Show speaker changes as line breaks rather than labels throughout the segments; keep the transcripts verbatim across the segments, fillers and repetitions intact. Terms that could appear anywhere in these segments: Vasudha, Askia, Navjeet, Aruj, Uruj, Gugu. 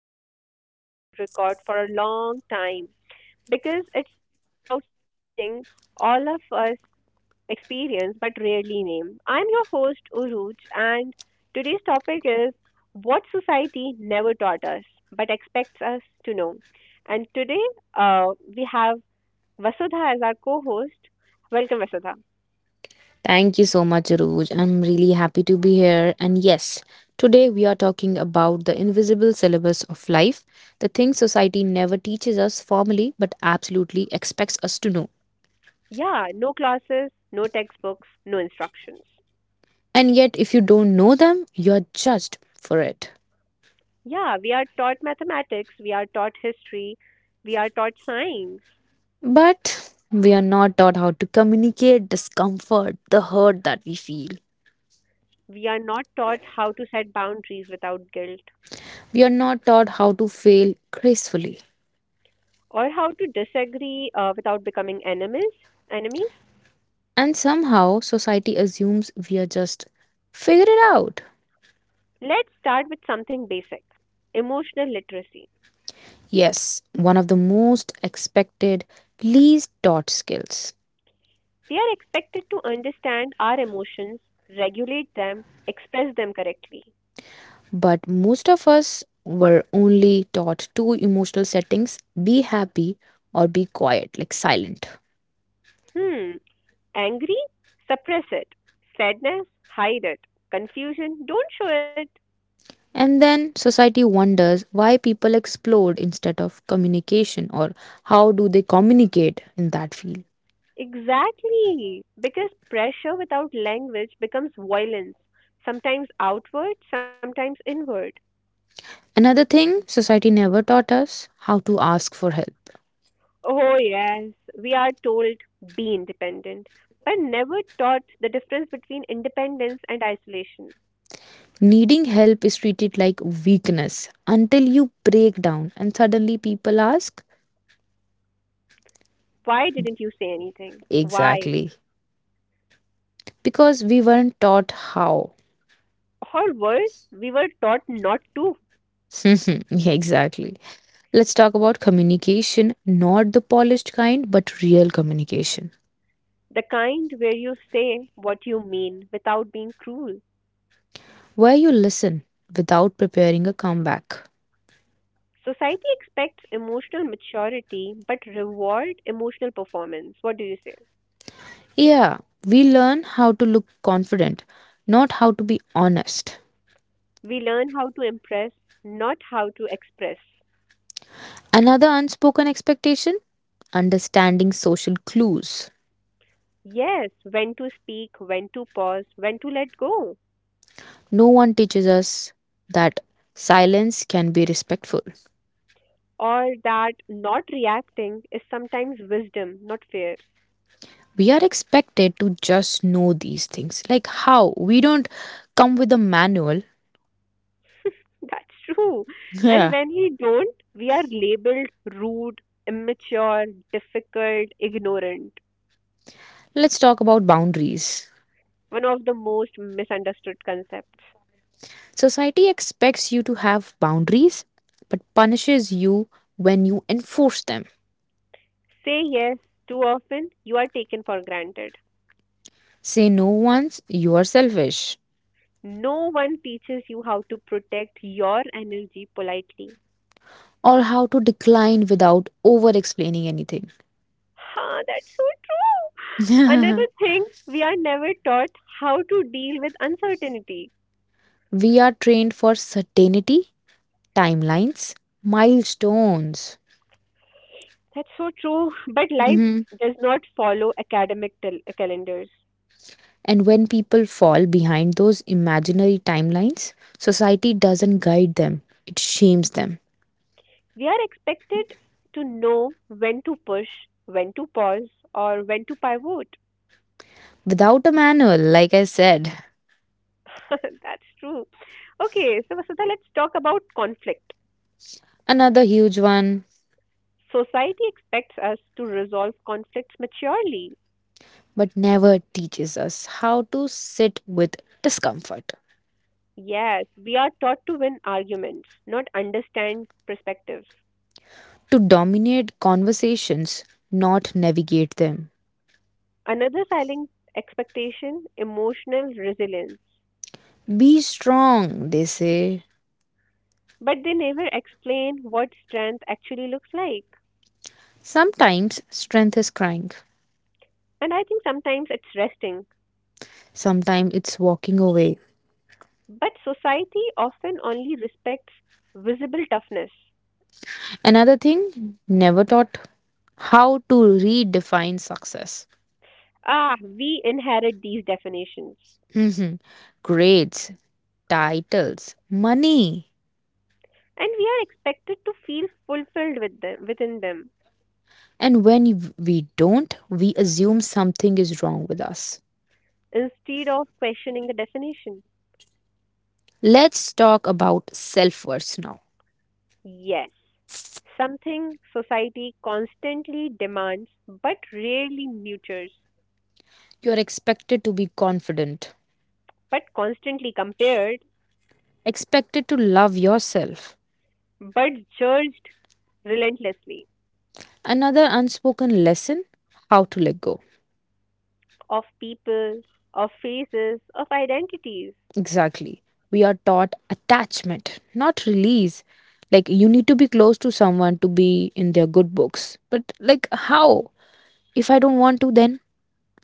one I have wanted to record for a long time because it speaks about something all of us experience but rarely name. I'm your host Uruj, and today's topic is what society never taught us but expects us to know. And today uh, we have Vasudha as our co-host. Welcome, Vasudha.
Thank you so much, Aruj. I'm really happy to be here. And yes, today we are talking about the invisible syllabus of life, the things society never teaches us formally but absolutely expects us to know.
Yeah, no classes, no textbooks, no instructions.
And yet, if you don't know them, you're judged for it.
Yeah, we are taught mathematics, we are taught history, we are taught science.
But we are not taught how to communicate discomfort, the hurt that we feel.
We are not taught how to set boundaries without guilt,
We are not taught how to fail gracefully.
or how to disagree uh, without becoming enemies. Enemies.
And somehow, society assumes we are just figure it out.
Let's start with something basic. Emotional literacy.
Yes, one of the most expected, least taught skills.
We are expected to understand our emotions, regulate them, express them correctly.
But most of us were only taught two emotional settings: be happy or be quiet, like silent.
Hmm, angry? Suppress it. Sadness? Hide it. Confusion? Don't show it.
And then society wonders why people explode instead of communication or how do they communicate in that field.
Exactly, because pressure without language becomes violence, sometimes outward, sometimes inward.
Another thing, society never taught us how to ask for help.
Oh, yes, we are told be independent, but never taught the difference between independence and isolation.
Needing help is treated like weakness until you break down, and suddenly people ask,
Why didn't you say anything? Why?
exactly. Because we weren't taught how.
Or worse, we were taught not to.
Yeah, exactly. Let's talk about communication, not the polished kind, but real communication,
The kind where you say what you mean without being cruel.
where you listen without preparing a comeback.
Society expects emotional maturity but reward emotional performance. What do you say?
Yeah, we learn how to look confident, not how to be honest.
We learn how to impress, not how to express.
Another unspoken expectation: understanding social clues.
Yes, when to speak, when to pause, when to let go.
No one teaches us that silence can be respectful.
Or that not reacting is sometimes wisdom, not fear.
We are expected to just know these things. Like how? We don't come with a manual.
That's true. And
Yeah.
when we don't, we are labeled rude, immature, difficult, ignorant.
Let's talk about boundaries.
One of the most misunderstood concepts.
Society expects you to have boundaries but punishes you when you enforce them.
Say yes too often, you are taken for granted.
Say no once, you are selfish.
No one teaches you how to protect your energy politely.
Or how to decline without over explaining anything.
Huh, that's so true. Another thing, we are never taught how to deal with uncertainty.
We are trained for certainty, timelines, milestones.
That's so true. But life
Mhm.
does not follow academic tel- calendars.
And when people fall behind those imaginary timelines, society doesn't guide them, it shames them.
We are expected to know when to push, when to pause, or when to pivot.
Without a manual, like I said,
That's true. Okay, so Vasudha, let's talk about conflict.
another huge one,
Society expects us to resolve conflicts maturely.
but never teaches us how to sit with discomfort,
Yes, we are taught to win arguments, not understand perspectives.
to dominate conversations, not navigate them.
Another silent expectation, emotional resilience.
Be strong, they say.
But they never explain what strength actually looks like.
Sometimes strength is crying,
And I think sometimes it's resting.
sometimes it's walking away.
But society often only respects visible toughness.
Another thing, never taught how to redefine success.
Ah, we inherit these definitions.
Mhm. Grades, titles, money.
And we are expected to feel fulfilled with them, within them,
And when we don't, we assume something is wrong with us.
instead of questioning the definition.
Let's talk about self worth now.
Yes, something society constantly demands but rarely nurtures.
You're expected to be confident,
But constantly compared,
expected to love yourself.
but judged relentlessly,
Another unspoken lesson: how to let go.
of people, of faces, of identities.
Exactly. We are taught attachment, not release. Like, you need to be close to someone to be in their good books. But, like, how? If I don't want to, then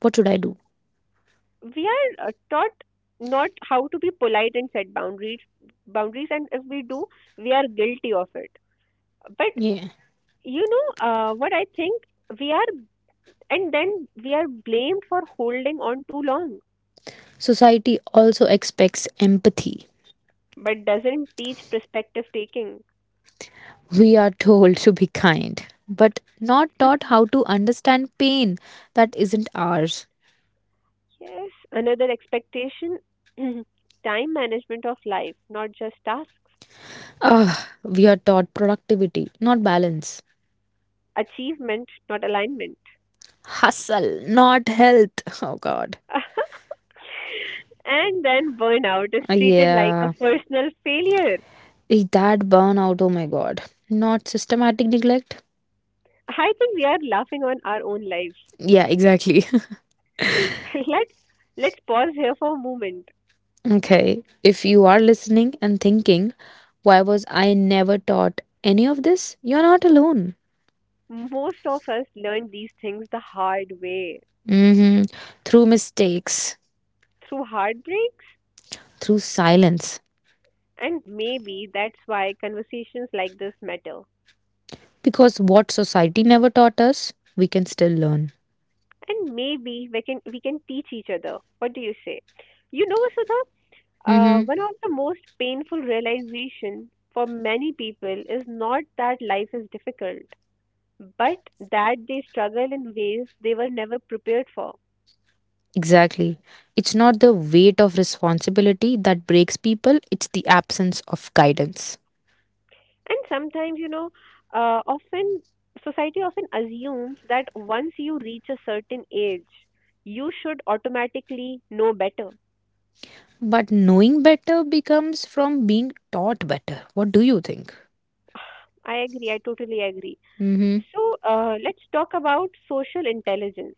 what should I do?
We are uh, taught not how to be polite and set boundaries, boundaries, and if we do, we are guilty of it. But
Yeah.
you know uh, what I think we are, and then we are blamed for holding on too long.
Society also expects empathy.
But doesn't teach perspective taking.
We are told to be kind, but not taught how to understand pain that isn't ours.
Yes, another expectation, time management of life, not just tasks,
Ah, we are taught productivity, not balance.
achievement, not alignment.
Hustle, not health. Oh god.
And then burnout is
Ah,
treated like a
yeah.
personal failure.
Eh, that burnout, oh my god. Not systematic neglect?
I think we are laughing on our own lives.
Yeah, exactly.
let's let's pause here for a moment.
Okay. If you are listening and thinking, why was I never taught any of this? You're not alone.
Most of us learn these things the hard way,
Hmm. Through mistakes,
through heartbreaks,
through silence.
and maybe that's why conversations like this matter.
Because what society never taught us, we can still learn.
And maybe we can we can teach each other. What do you say? You know, Sudha, uh,
Hmm.
one of the most painful realization for many people is not that life is difficult, but that they struggle in ways they were never prepared for.
Exactly. It's not the weight of responsibility that breaks people, it's the absence of guidance.
And sometimes, you know, uh, often society often assumes that once you reach a certain age, you should automatically know better.
But knowing better becomes from being taught better. What do you think?
I agree. I totally agree.
Hmm.
So uh, let's talk about social intelligence,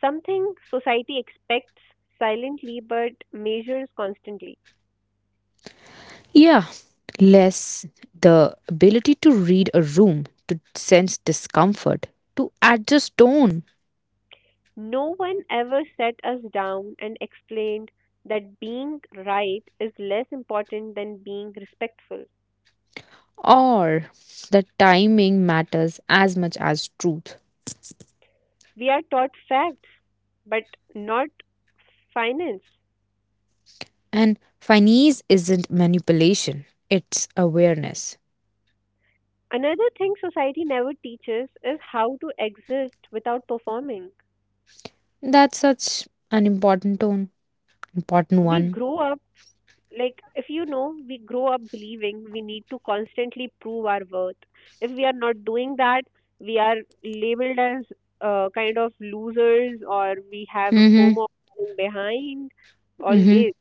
something society expects silently but measures constantly.
Yeah, less the ability to read a room, to sense discomfort, to adjust tone,
No one ever sat us down and explained that being right is less important than being respectful.
or the timing matters as much as truth.
We are taught facts, but not finance.
And finesse isn't manipulation, it's awareness.
Another thing society never teaches is how to exist without performing.
That's such an important tone, important
We
one.
grow up, like if you know, we grow up believing we need to constantly prove our worth. If we are not doing that, we are labeled as uh, kind of losers, or we have a
Mm-hmm.
fomo of falling behind
Mm-hmm.
always.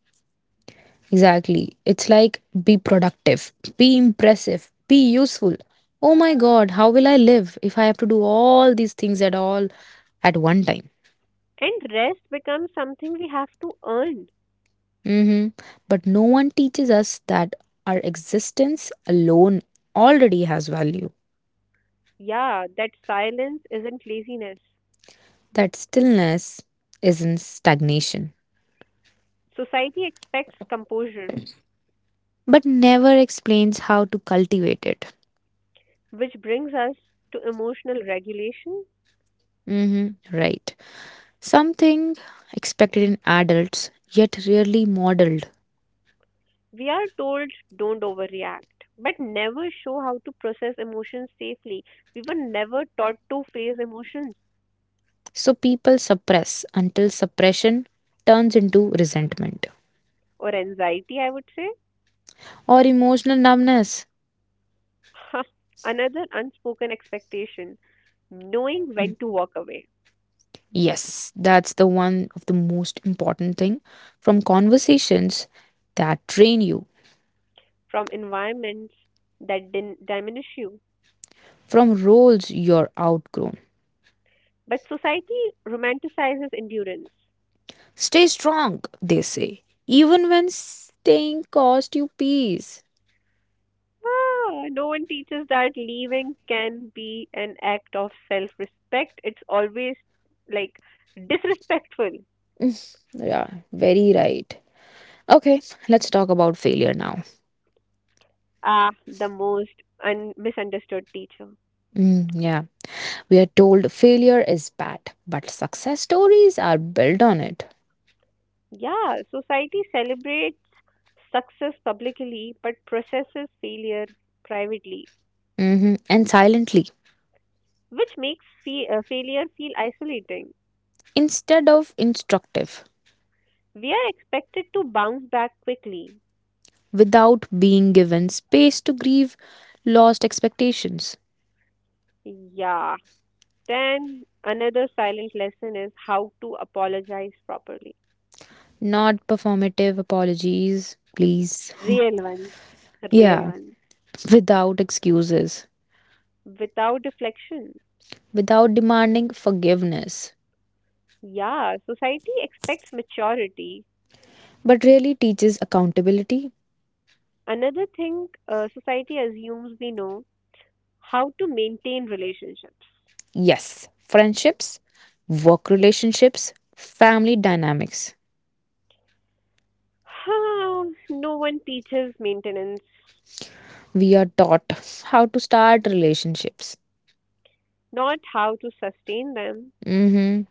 Exactly. It's like be productive, be impressive, be useful. Oh my god, how will I live if I have to do all these things at all at one time?
And rest becomes something we have to earn.
Mm-hmm. But no one teaches us that our existence alone already has value.
Yeah, that silence isn't laziness.
That stillness isn't stagnation,
Society expects composure,
but never explains how to cultivate it.
which brings us to emotional regulation.
Mhm, right. Something expected in adults, yet rarely modeled.
We are told don't overreact, but never show how to process emotions safely. We were never taught to face emotions
So people suppress until suppression turns into resentment
or anxiety, I would say.
or emotional numbness.
Another unspoken expectation, knowing
Hmm.
when to walk away
Yes, that's the one of the most important thing from conversations that train you,
from environments that din- diminish you.
from roles you're outgrown.
But society romanticizes endurance.
Stay strong, they say, even when staying cost you peace.
Ah, no one teaches that leaving can be an act of self respect. It's always like disrespectful.
Yeah, very right. Okay, let's talk about failure now.
Ah, the most un- misunderstood teacher.
Mm, yeah, we are told failure is bad, but success stories are built on it.
Yeah, society celebrates success publicly but processes failure privately,
Mhm. And silently,
which makes fe- uh, failure feel isolating.
instead of instructive,
We are expected to bounce back quickly.
without being given space to grieve lost expectations,
Yeah, then another silent lesson is how to apologize properly.
not performative apologies, please.
Real ones, real
Yeah,
ones,
without excuses.
without deflection.
Without demanding forgiveness,
Yeah, society expects maturity.
but really teaches accountability?
Another thing, uh, society assumes we know how to maintain relationships.
Yes, friendships, work relationships, family dynamics.
How no one teaches maintenance,
We are taught how to start relationships,
not how to sustain them,
hmm,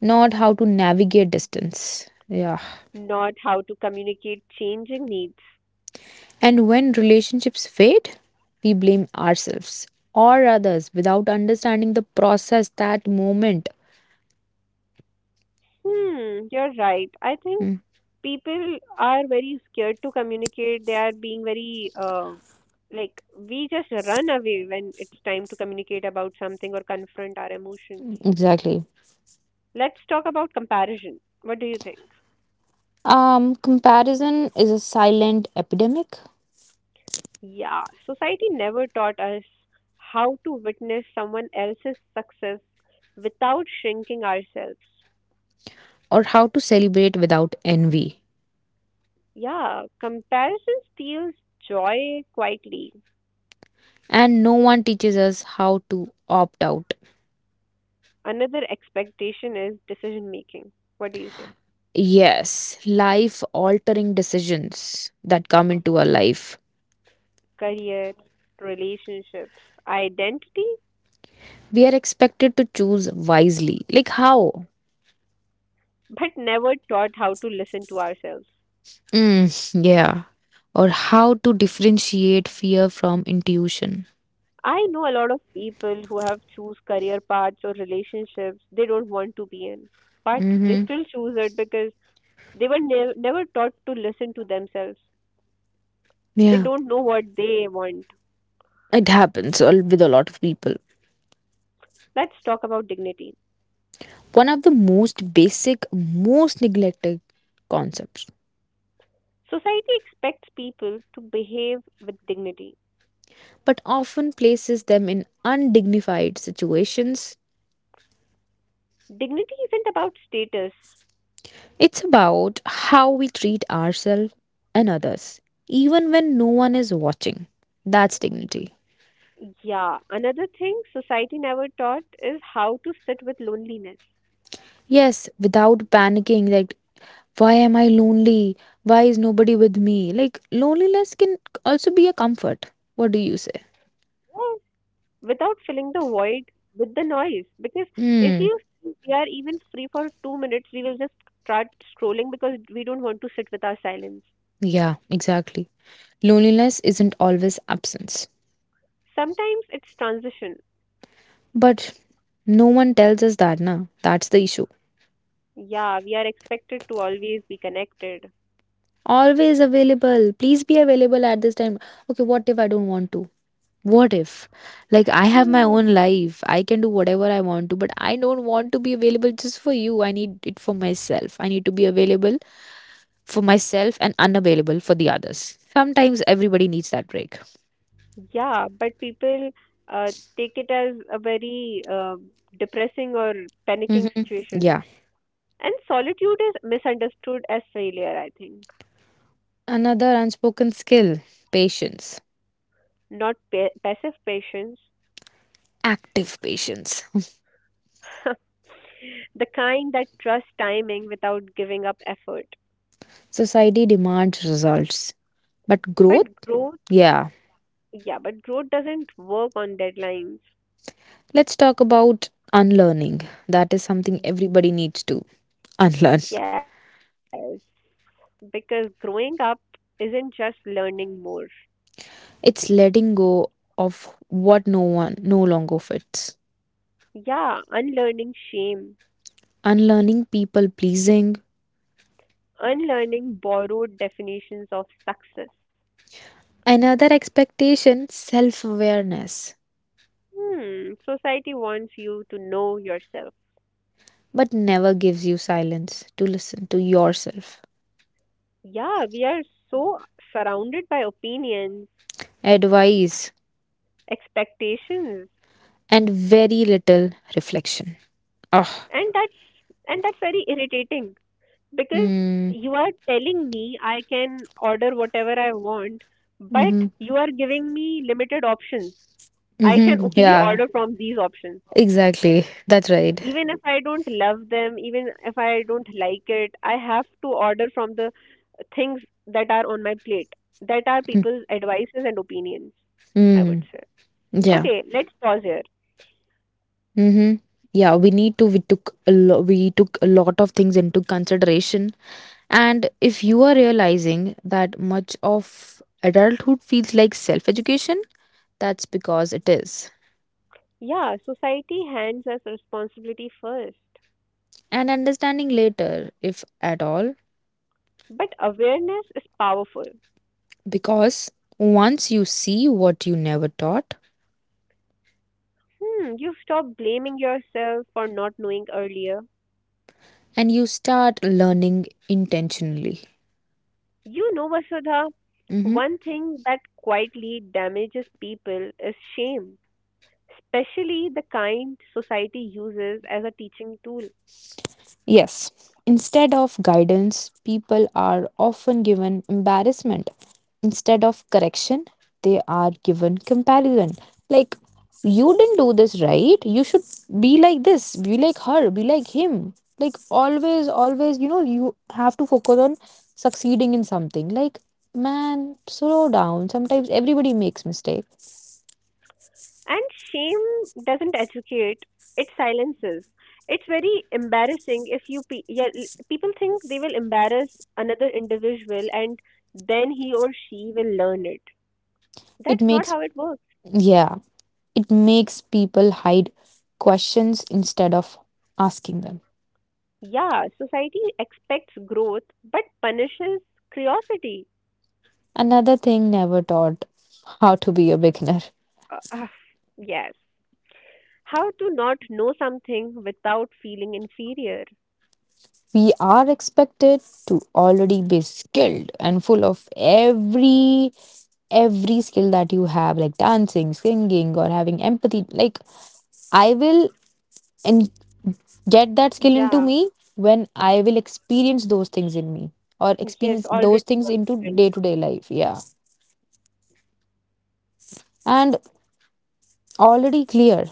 not how to navigate distance. Yeah.
not how to communicate changing needs.
And when relationships fade, we blame ourselves or others without understanding the process that moment.
Hmm, you're right. I think
Mm.
people are very scared to communicate. They are being very uh, like, we just run away when it's time to communicate about something or confront our emotions.
Exactly.
Let's talk about comparison. What do you think?
Um, comparison is a silent epidemic.
Yeah, society never taught us how to witness someone else's success without shrinking ourselves.
Or how to celebrate without envy.
Yeah, comparison steals joy quietly.
And no one teaches us how to opt out.
Another expectation is decision making. What do you say?
Yes, life altering decisions that come into our life.
Careers, relationships, identity,
We are expected to choose wisely. Like how?
but never taught how to listen to ourselves.
Mm, yeah. Or how to differentiate fear from intuition.
I know a lot of people who have choose career paths or relationships they don't want to be in, but they
Mm-hmm.
still choose it because they were ne- never taught to listen to themselves. They
Yeah.
don't know what they want.
It happens al- with a lot of people.
Let's talk about dignity.
One of the most basic, most neglected concepts
Society expects people to behave with dignity.
but often places them in undignified situations.
Dignity isn't about status.
It's about how we treat ourselves and others, even when no one is watching. That's dignity.
Yeah, another thing society never taught is how to sit with loneliness.
Yes, without panicking, like, why am I lonely? Why is nobody with me? Like, loneliness can also be a comfort. What do you say?
Yes, without filling the void with the noise. Because if
Hmm,
you think we are even free for two minutes, we will just start scrolling because we don't want to sit with our silence.
yeah, exactly. Loneliness isn't always absence.
Sometimes it's transition.
But no one tells us that, na? That's the issue.
Yeah, we are expected to always be connected.
Always available. Please be available at this time. Okay, what if I don't want to? What if? Like, I have my own life. I can do whatever I want to, but I don't want to be available just for you. I need it for myself. I need to be available for myself and unavailable for the others. Sometimes everybody needs that break.
Yeah, but people uh, take it as a very uh, depressing or
Hmm.
panicking situation.
Yeah.
And solitude is misunderstood as failure, I think,
Another unspoken skill: patience,
not pa passive patience,
active patience.
the kind that trusts timing without giving up effort.
Society demands results, but growth?
But growth,
Yeah.
yeah, but growth doesn't work on deadlines.
Let's talk about unlearning. That is something everybody needs to unlearn.
Yes, because growing up isn't just learning more.
It's letting go of what no one no longer fits.
Yeah, unlearning shame,
Unlearning people pleasing.
unlearning borrowed definitions of success.
Another expectation, self awareness,
Hmm, society wants you to know yourself.
but never gives you silence to listen to yourself.
Yeah, we are so surrounded by opinions,
Advice
expectations,
and very little reflection. Oh.
and that's, and that's very irritating because
Mm.
you are telling me I can order whatever I want, but
Mm-hmm.
you are giving me limited options. I can
Mm-hmm.
only
Yeah.
order from these options.
Exactly. That's right.
Even if I don't love them, even if I don't like it, I have to order from the things that are on my plate, that are
Mm.
people's advices and opinions, I would
Mm.
say.
Yeah.
Okay, let's pause here.
Mm-hmm. Yeah, we need to we took a lo- we took a lot of things into consideration. And if you are realizing that much of adulthood feels like self-education, that's because it is.
Yeah, society hands us responsibility first,
And understanding later, if at all,
but awareness is powerful.
because once you see what you never taught
Hmm, you stop blaming yourself for not knowing earlier.
and you start learning intentionally.
You know, Vasudha,
Mm-hmm.
one thing that quietly damages people is shame, especially the kind society uses as a teaching tool.
Yes. Instead of guidance, people are often given embarrassment. Instead of correction, they are given comparison. Like, you didn't do this right. You should be like this, be like her, be like him. Like, always, always, you know, you have to focus on succeeding in something. Like, man, slow down. Sometimes everybody makes mistake.
And shame doesn't educate, it silences. It's very embarrassing if you pe- yeah, l- people think they will embarrass another individual, and then he or she will learn it.
It
That's not
makes,
how it works.
yeah, it makes people hide questions instead of asking them.
Yeah, society expects growth but punishes curiosity.
Another thing never taught how to be a beginner.
Uh, uh, yes. How to not know something without feeling inferior.
We are expected to already be skilled and full of every every skill that you have, like dancing, singing, or having empathy, like I will and get that skill into
Yeah.
me when I will experience those things in me or
Yes,
experience
already
those things into
confident.
day to day life, yeah, and already clear,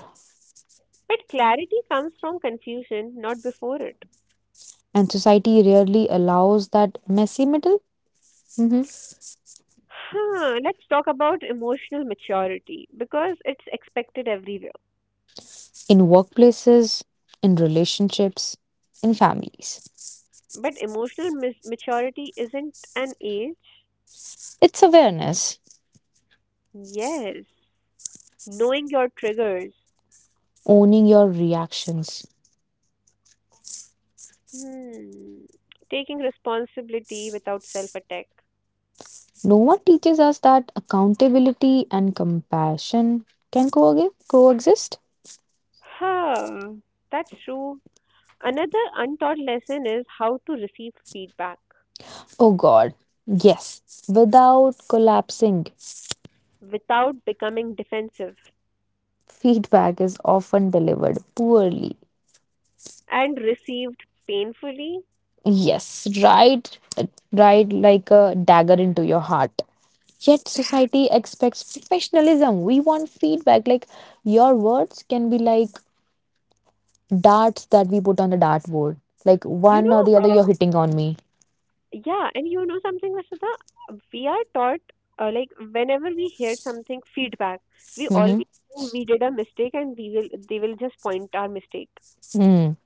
But clarity comes from confusion, not before it.
and society rarely allows that messy middle. Mhm.
Huh, let's talk about emotional maturity because it's expected everywhere.
In workplaces, in relationships, in families,
But emotional mis- maturity isn't an age.
it's awareness,
Yes. Knowing your triggers.
owning your reactions.
Hmm. Taking responsibility without self attack.
No one teaches us that accountability and compassion can co- coexist.
Huh. That's true. Another untaught lesson is how to receive feedback
Oh god, yes, without collapsing.
without becoming defensive.
Feedback is often delivered poorly.
And received painfully.
Yes, right, right, like a dagger into your heart. Yet society expects professionalism. We want feedback. Like, your words can be like darts that we put on the dartboard. Like
You
one or
know,
the other, you're
uh,
hitting on me.
yeah, and you know something, Vasudha, we are taught, uh, like whenever we hear something feedback, we always
Mhm.
think we did a mistake and we will they will just point our mistake.
Mm,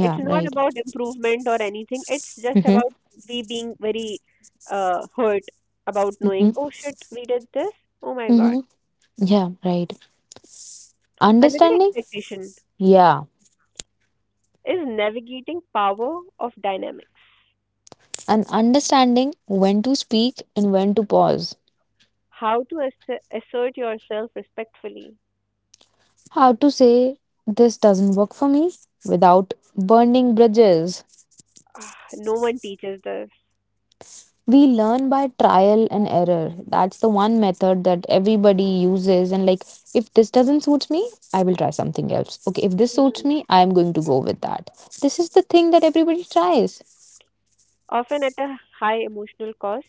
It's not
right.
about improvement or anything. It's just
Mm-hmm,
about we being very uh, hurt about knowing,
mm-hmm,
oh shit, we did this. Oh my God.
mm-hmm. Yeah, right.
Another
Understanding?
expectation
Yeah.
is navigating power of dynamics.
And understanding when to speak and when to pause.
How to ass- assert yourself respectfully.
How to say this doesn't work for me without burning bridges.
Ah, no one teaches this,
We learn by trial and error. That's the one method that everybody uses. And like, if this doesn't suit me, I will try something else. Okay, if this suits me, I'm going to go with that. This is the thing that everybody tries.
often at a high emotional cost.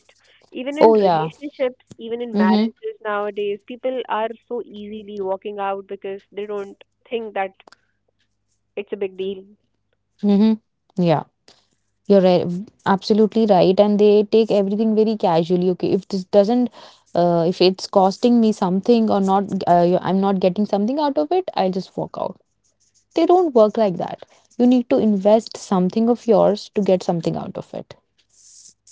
Even in
Oh, yeah.
relationships, even in
Mm-hmm,
marriages nowadays, people are so easily walking out because they don't think that it's a big deal.
mm-hmm. Yeah. You're right, absolutely right, and they take everything very casually. Okay, if this doesn't, uh, if it's costing me something or not, uh, I'm not getting something out of it, I'll just walk out. They don't work like that. You need to invest something of yours to get something out of it.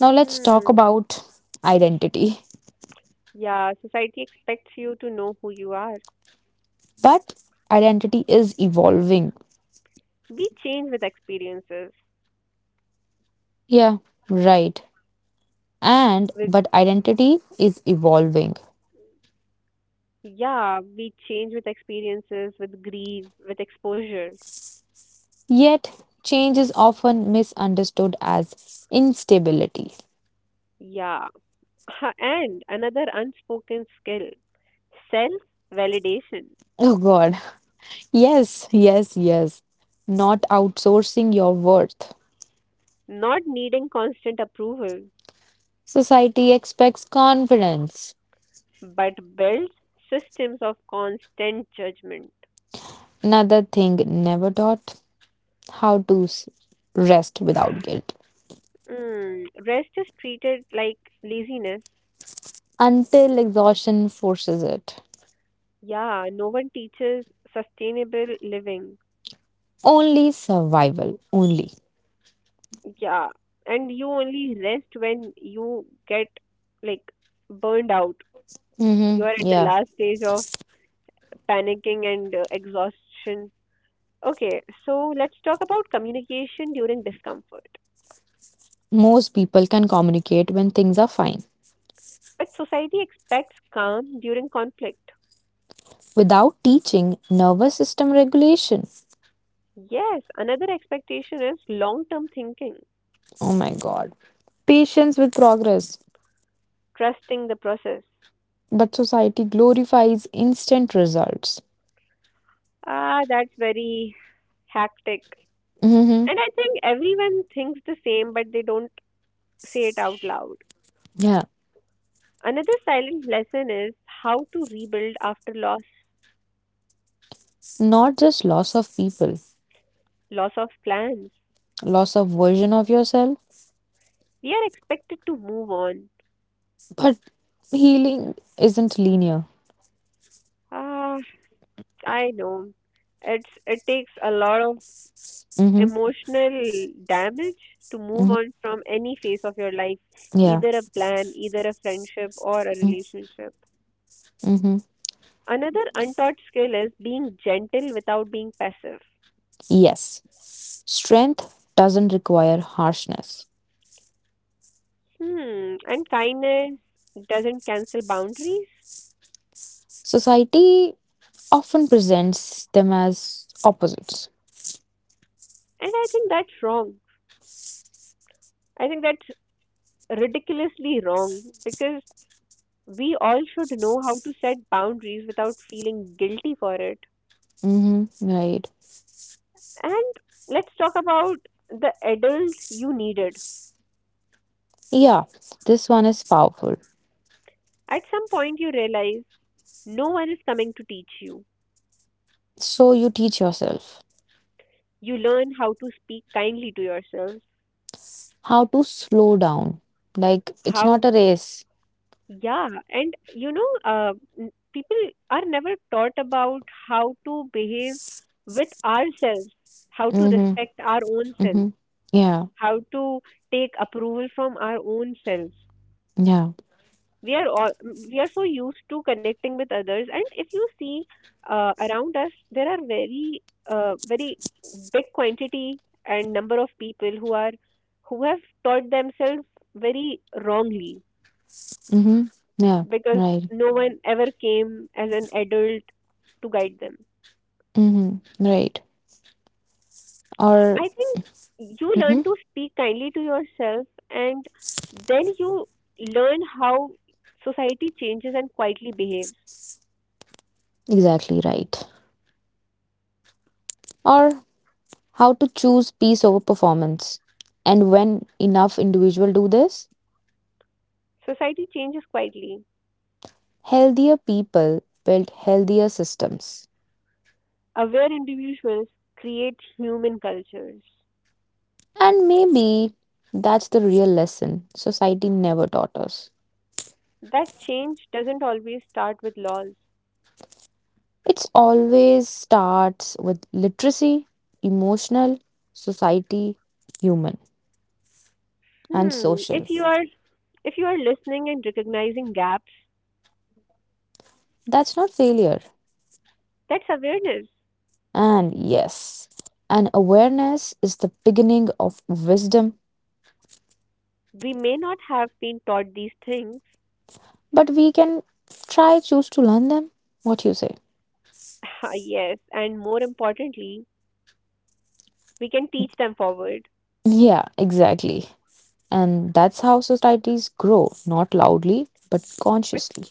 Now let's talk
Hmm.
about identity.
Yeah, society expects you to know who you are.
But identity is evolving.
We change with experiences.
Yeah, right. And
With,
but identity is evolving.
yeah, we change with experiences, with grief, with exposure.
Yet, change is often misunderstood as instability.
Yeah. Ha- And another unspoken skill, self validation,
Oh god. Yes, yes, yes. Not outsourcing your worth.
not needing constant approval,
Society expects confidence.
but builds systems of constant judgment.
Another thing never taught how to s- rest without guilt
Mm, rest is treated like laziness.
until exhaustion forces it.
Yeah, no one teaches sustainable living.
Only survival, only.
Yeah, and you only rest when you get like burned out. You
Mm-hmm.
are at the
Yeah.
last stage of panicking and uh, exhaustion. Okay, so let's talk about communication during discomfort.
Most people can communicate when things are fine
But society expects calm during conflict.
without teaching nervous system regulation.
Yes, another expectation is long term thinking,
Oh my god. Patience with progress.
trusting the process.
But society glorifies instant results.
Ah, that's very hectic.
Hmm.
And I think everyone thinks the same, but they don't say it out loud.
Yeah.
Another silent lesson is how to rebuild after loss,
Not just loss of people,
loss of plans.
loss of version of yourself,
We are expected to move on.
but healing isn't linear.
Ah, I know it's it takes a lot of
Hmm.
emotional damage to move
Hmm.
on from any phase of your life,
Yeah.
either a plan, either a friendship, or a relationship.
Mm-hmm.
Another untaught skill is being gentle without being passive.
Yes. Strength doesn't require harshness.
Hmm, and kindness doesn't cancel boundaries.
Society often presents them as opposites.
And I think that's wrong. I think that's ridiculously wrong because we all should know how to set boundaries without feeling guilty for it.
Hmm. Right.
And let's talk about the adult you needed.
Yeah. This one is powerful.
At some point, you realize no one is coming to teach you.
So you teach yourself.
You learn how to speak kindly to yourself,
How to slow down. Like it's
how,
not a race.
yeah, and you know, uh, n- people are never taught about how to behave with ourselves, how to
Mm-hmm.
respect our own selves,
Mm-hmm. Yeah.
how to take approval from our own selves.
Yeah.
we are all we are so used to connecting with others, and if you see uh, around us there are very uh, very big quantity and number of people who are who have taught themselves very wrongly
Mm-hmm. Yeah.
because
Right.
no one ever came as an adult to guide them.
Mm-hmm. Right. Or
I think you learn
mm-hmm.
to speak kindly to yourself, and then you learn how society changes and quietly behaves.
Exactly right. Or how to choose peace over performance. And when enough individuals do this,
Society changes quietly,
healthier people build healthier systems.
aware individuals create human cultures.
And maybe that's the real lesson society never taught us.
That change doesn't always start with laws.
It's always starts with literacy, emotional, society, human, and
Hmm.
social.
If you are if you are listening and recognizing gaps,
That's not failure.
that's awareness.
And yes, an awareness is the beginning of wisdom,
We may not have been taught these things.
but we can try choose to learn them. What you say?
Yes, and more importantly, we can teach them forward.
Yeah, exactly. And that's how societies grow, not loudly, but
But
consciously.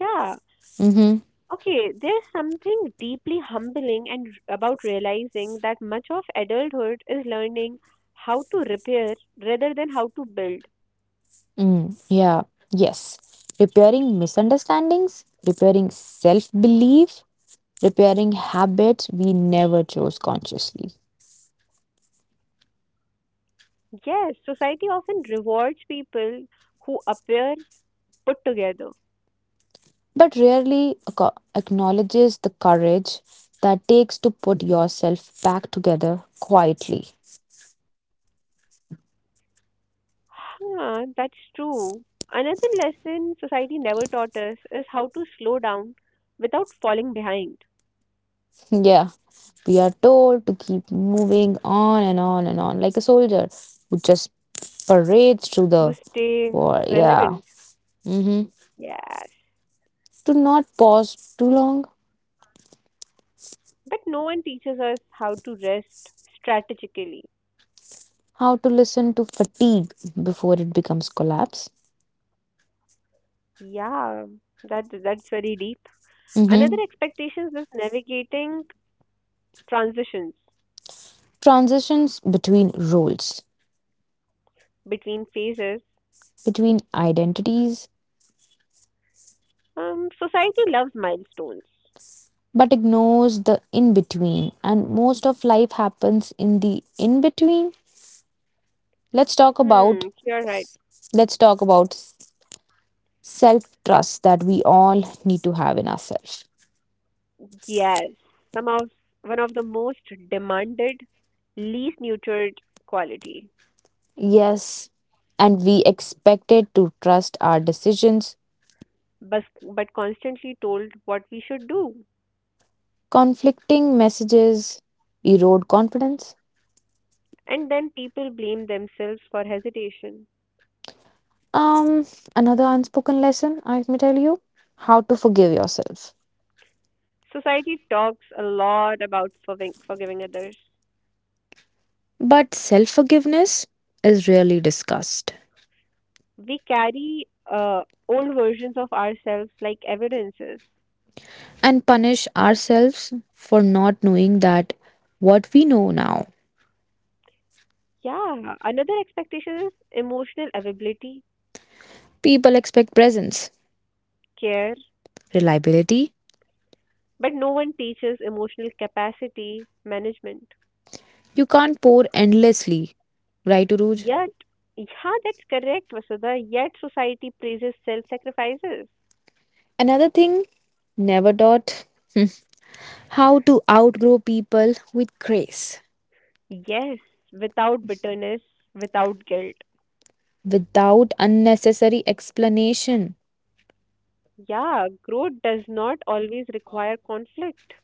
yeah,
Mm-hmm.
okay, there's something deeply humbling and r- about realizing that much of adulthood is learning how to repair rather than how to build.
Mm, yeah, yes. Repairing misunderstandings, repairing self belief, repairing habits we never chose consciously,
Yes, society often rewards people who appear put together.
but rarely aco- acknowledges the courage that takes to put yourself back together quietly.
Huh, that's true. Another lesson society never taught us is how to slow down without falling behind,
Yeah, we are told to keep moving on and on and on, like a soldier who just parades through
to
the
stay
war. Yeah.
relevant.
Mm-hmm.
Yes.
To not pause too long,
But no one teaches us how to rest strategically.
how to listen to fatigue before it becomes collapse.
Yeah, that that's very deep. Another
Mm-hmm.
expectations is navigating transitions
Transitions between roles,
between phases.
between identities,
Um, society loves milestones.
but ignores the in between, and most of life happens in the in between. Let's talk about
Hmm, you're right.
let's talk about self trust that we all need to have in ourselves.
Yes, some of one of the most demanded, least nurtured quality,
Yes, and we expected to trust our decisions,
but but constantly told what we should do,
conflicting messages erode confidence.
and then people blame themselves for hesitation.
Um, another unspoken lesson I may tell you, how to forgive yourself,
Society talks a lot about forgiving, forgiving others.
but self forgiveness is rarely discussed,
We carry uh, old versions of ourselves like evidences.
and punish ourselves for not knowing that what we know now.
Yeah, another expectation is emotional availability,
People expect presence,
care.
reliability.
But no one teaches emotional capacity management.
You can't pour endlessly, right, Uruj?
Yet, yeah, that's correct, Vasudha. Yet, society praises self sacrifices.
Another thing, never taught how to outgrow people with grace
Yes, without bitterness, without guilt.
without unnecessary explanation.
Yeah, growth does not always require conflict.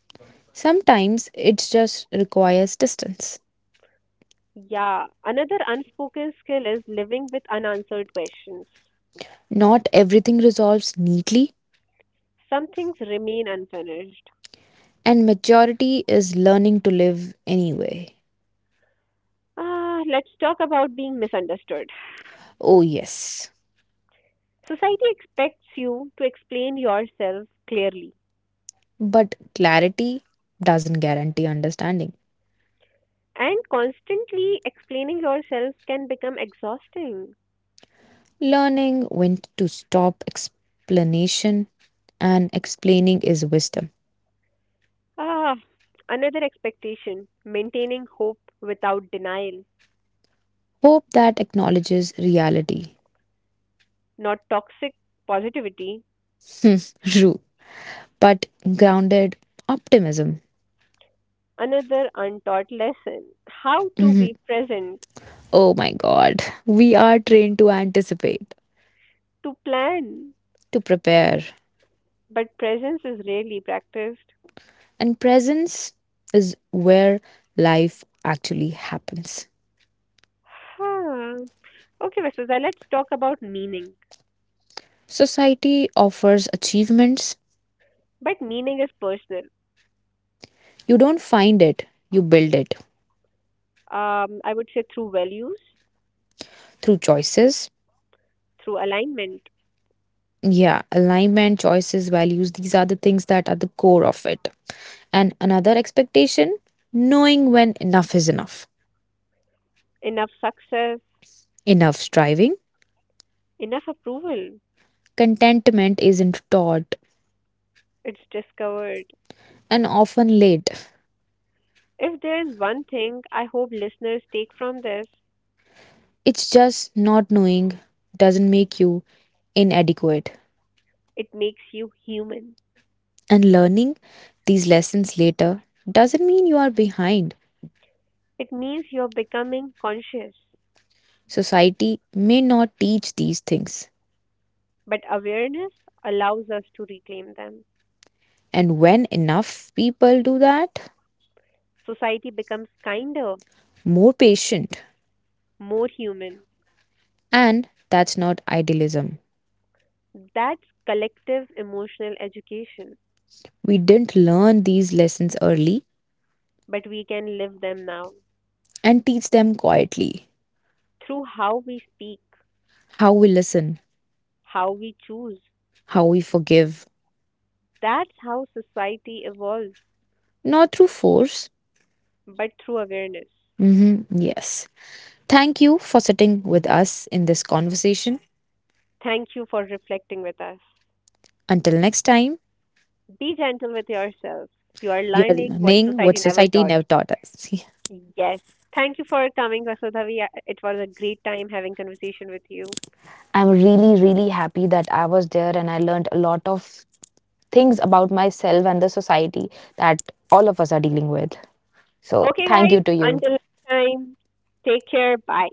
Sometimes it just requires distance.
Yeah, another unspoken skill is living with unanswered questions.
Not everything resolves neatly,
Some things remain unfinished.
and maturity is learning to live anyway.
Ah, let's talk about being misunderstood.
Oh, yes.
Society expects you to explain yourself clearly.
But clarity doesn't guarantee understanding.
And constantly explaining yourself can become exhausting.
Learning when to stop explanation and explaining is wisdom.
Ah, another expectation maintaining hope without denial,
Hope that acknowledges reality.
not toxic positivity.
Hmm, true, but grounded optimism.
Another untaught lesson how to
Mhm.
be present,
Oh my god, we are trained to anticipate,
to plan,
to prepare,
but presence is rarely practiced.
and presence is where life actually happens.
Huh. Okay, Vasudha, let's talk about meaning.
Society offers achievements,
But meaning is personal.
you don't find it, you build it.
Um, I would say through values,
Through choices.
through alignment,
Yeah, alignment, choices, values, these are the things that are the core of it. And another expectation, knowing when enough is enough.
enough success,
Enough striving,
enough approval,
contentment isn't taught
it's discovered.
and often late.
If there is one thing I hope listeners take from this,
It's just not knowing doesn't make you inadequate.
it makes you human.
And learning these lessons later doesn't mean you are behind.
It means you're becoming conscious,
Society may not teach these things.
but awareness allows us to reclaim them.
And when enough people do that,
Society becomes kinder,
more patient,
more human.
and that's not idealism.
That's collective emotional education,
We didn't learn these lessons early
but we can live them now,
and teach them quietly.
through how we speak,
How we listen,
how we choose.
how we forgive,
That's how society evolves,
not through force.
but through awareness.
Mhm, yes. Thank you for sitting with us in this conversation.
Thank you for reflecting with us.
Until next time,
Be gentle with yourself. You are
you are
learning what
learning what
society never
society
taught.
never taught us.
Yes. Thank you for coming, Vasudhavi. It was a great time having conversation with you.
I'm really, really happy that I was there and I learned a lot of things about myself and the society that all of us are dealing with. So,
Okay,
thank you
guys.
to you.
Until next time, take care. Bye.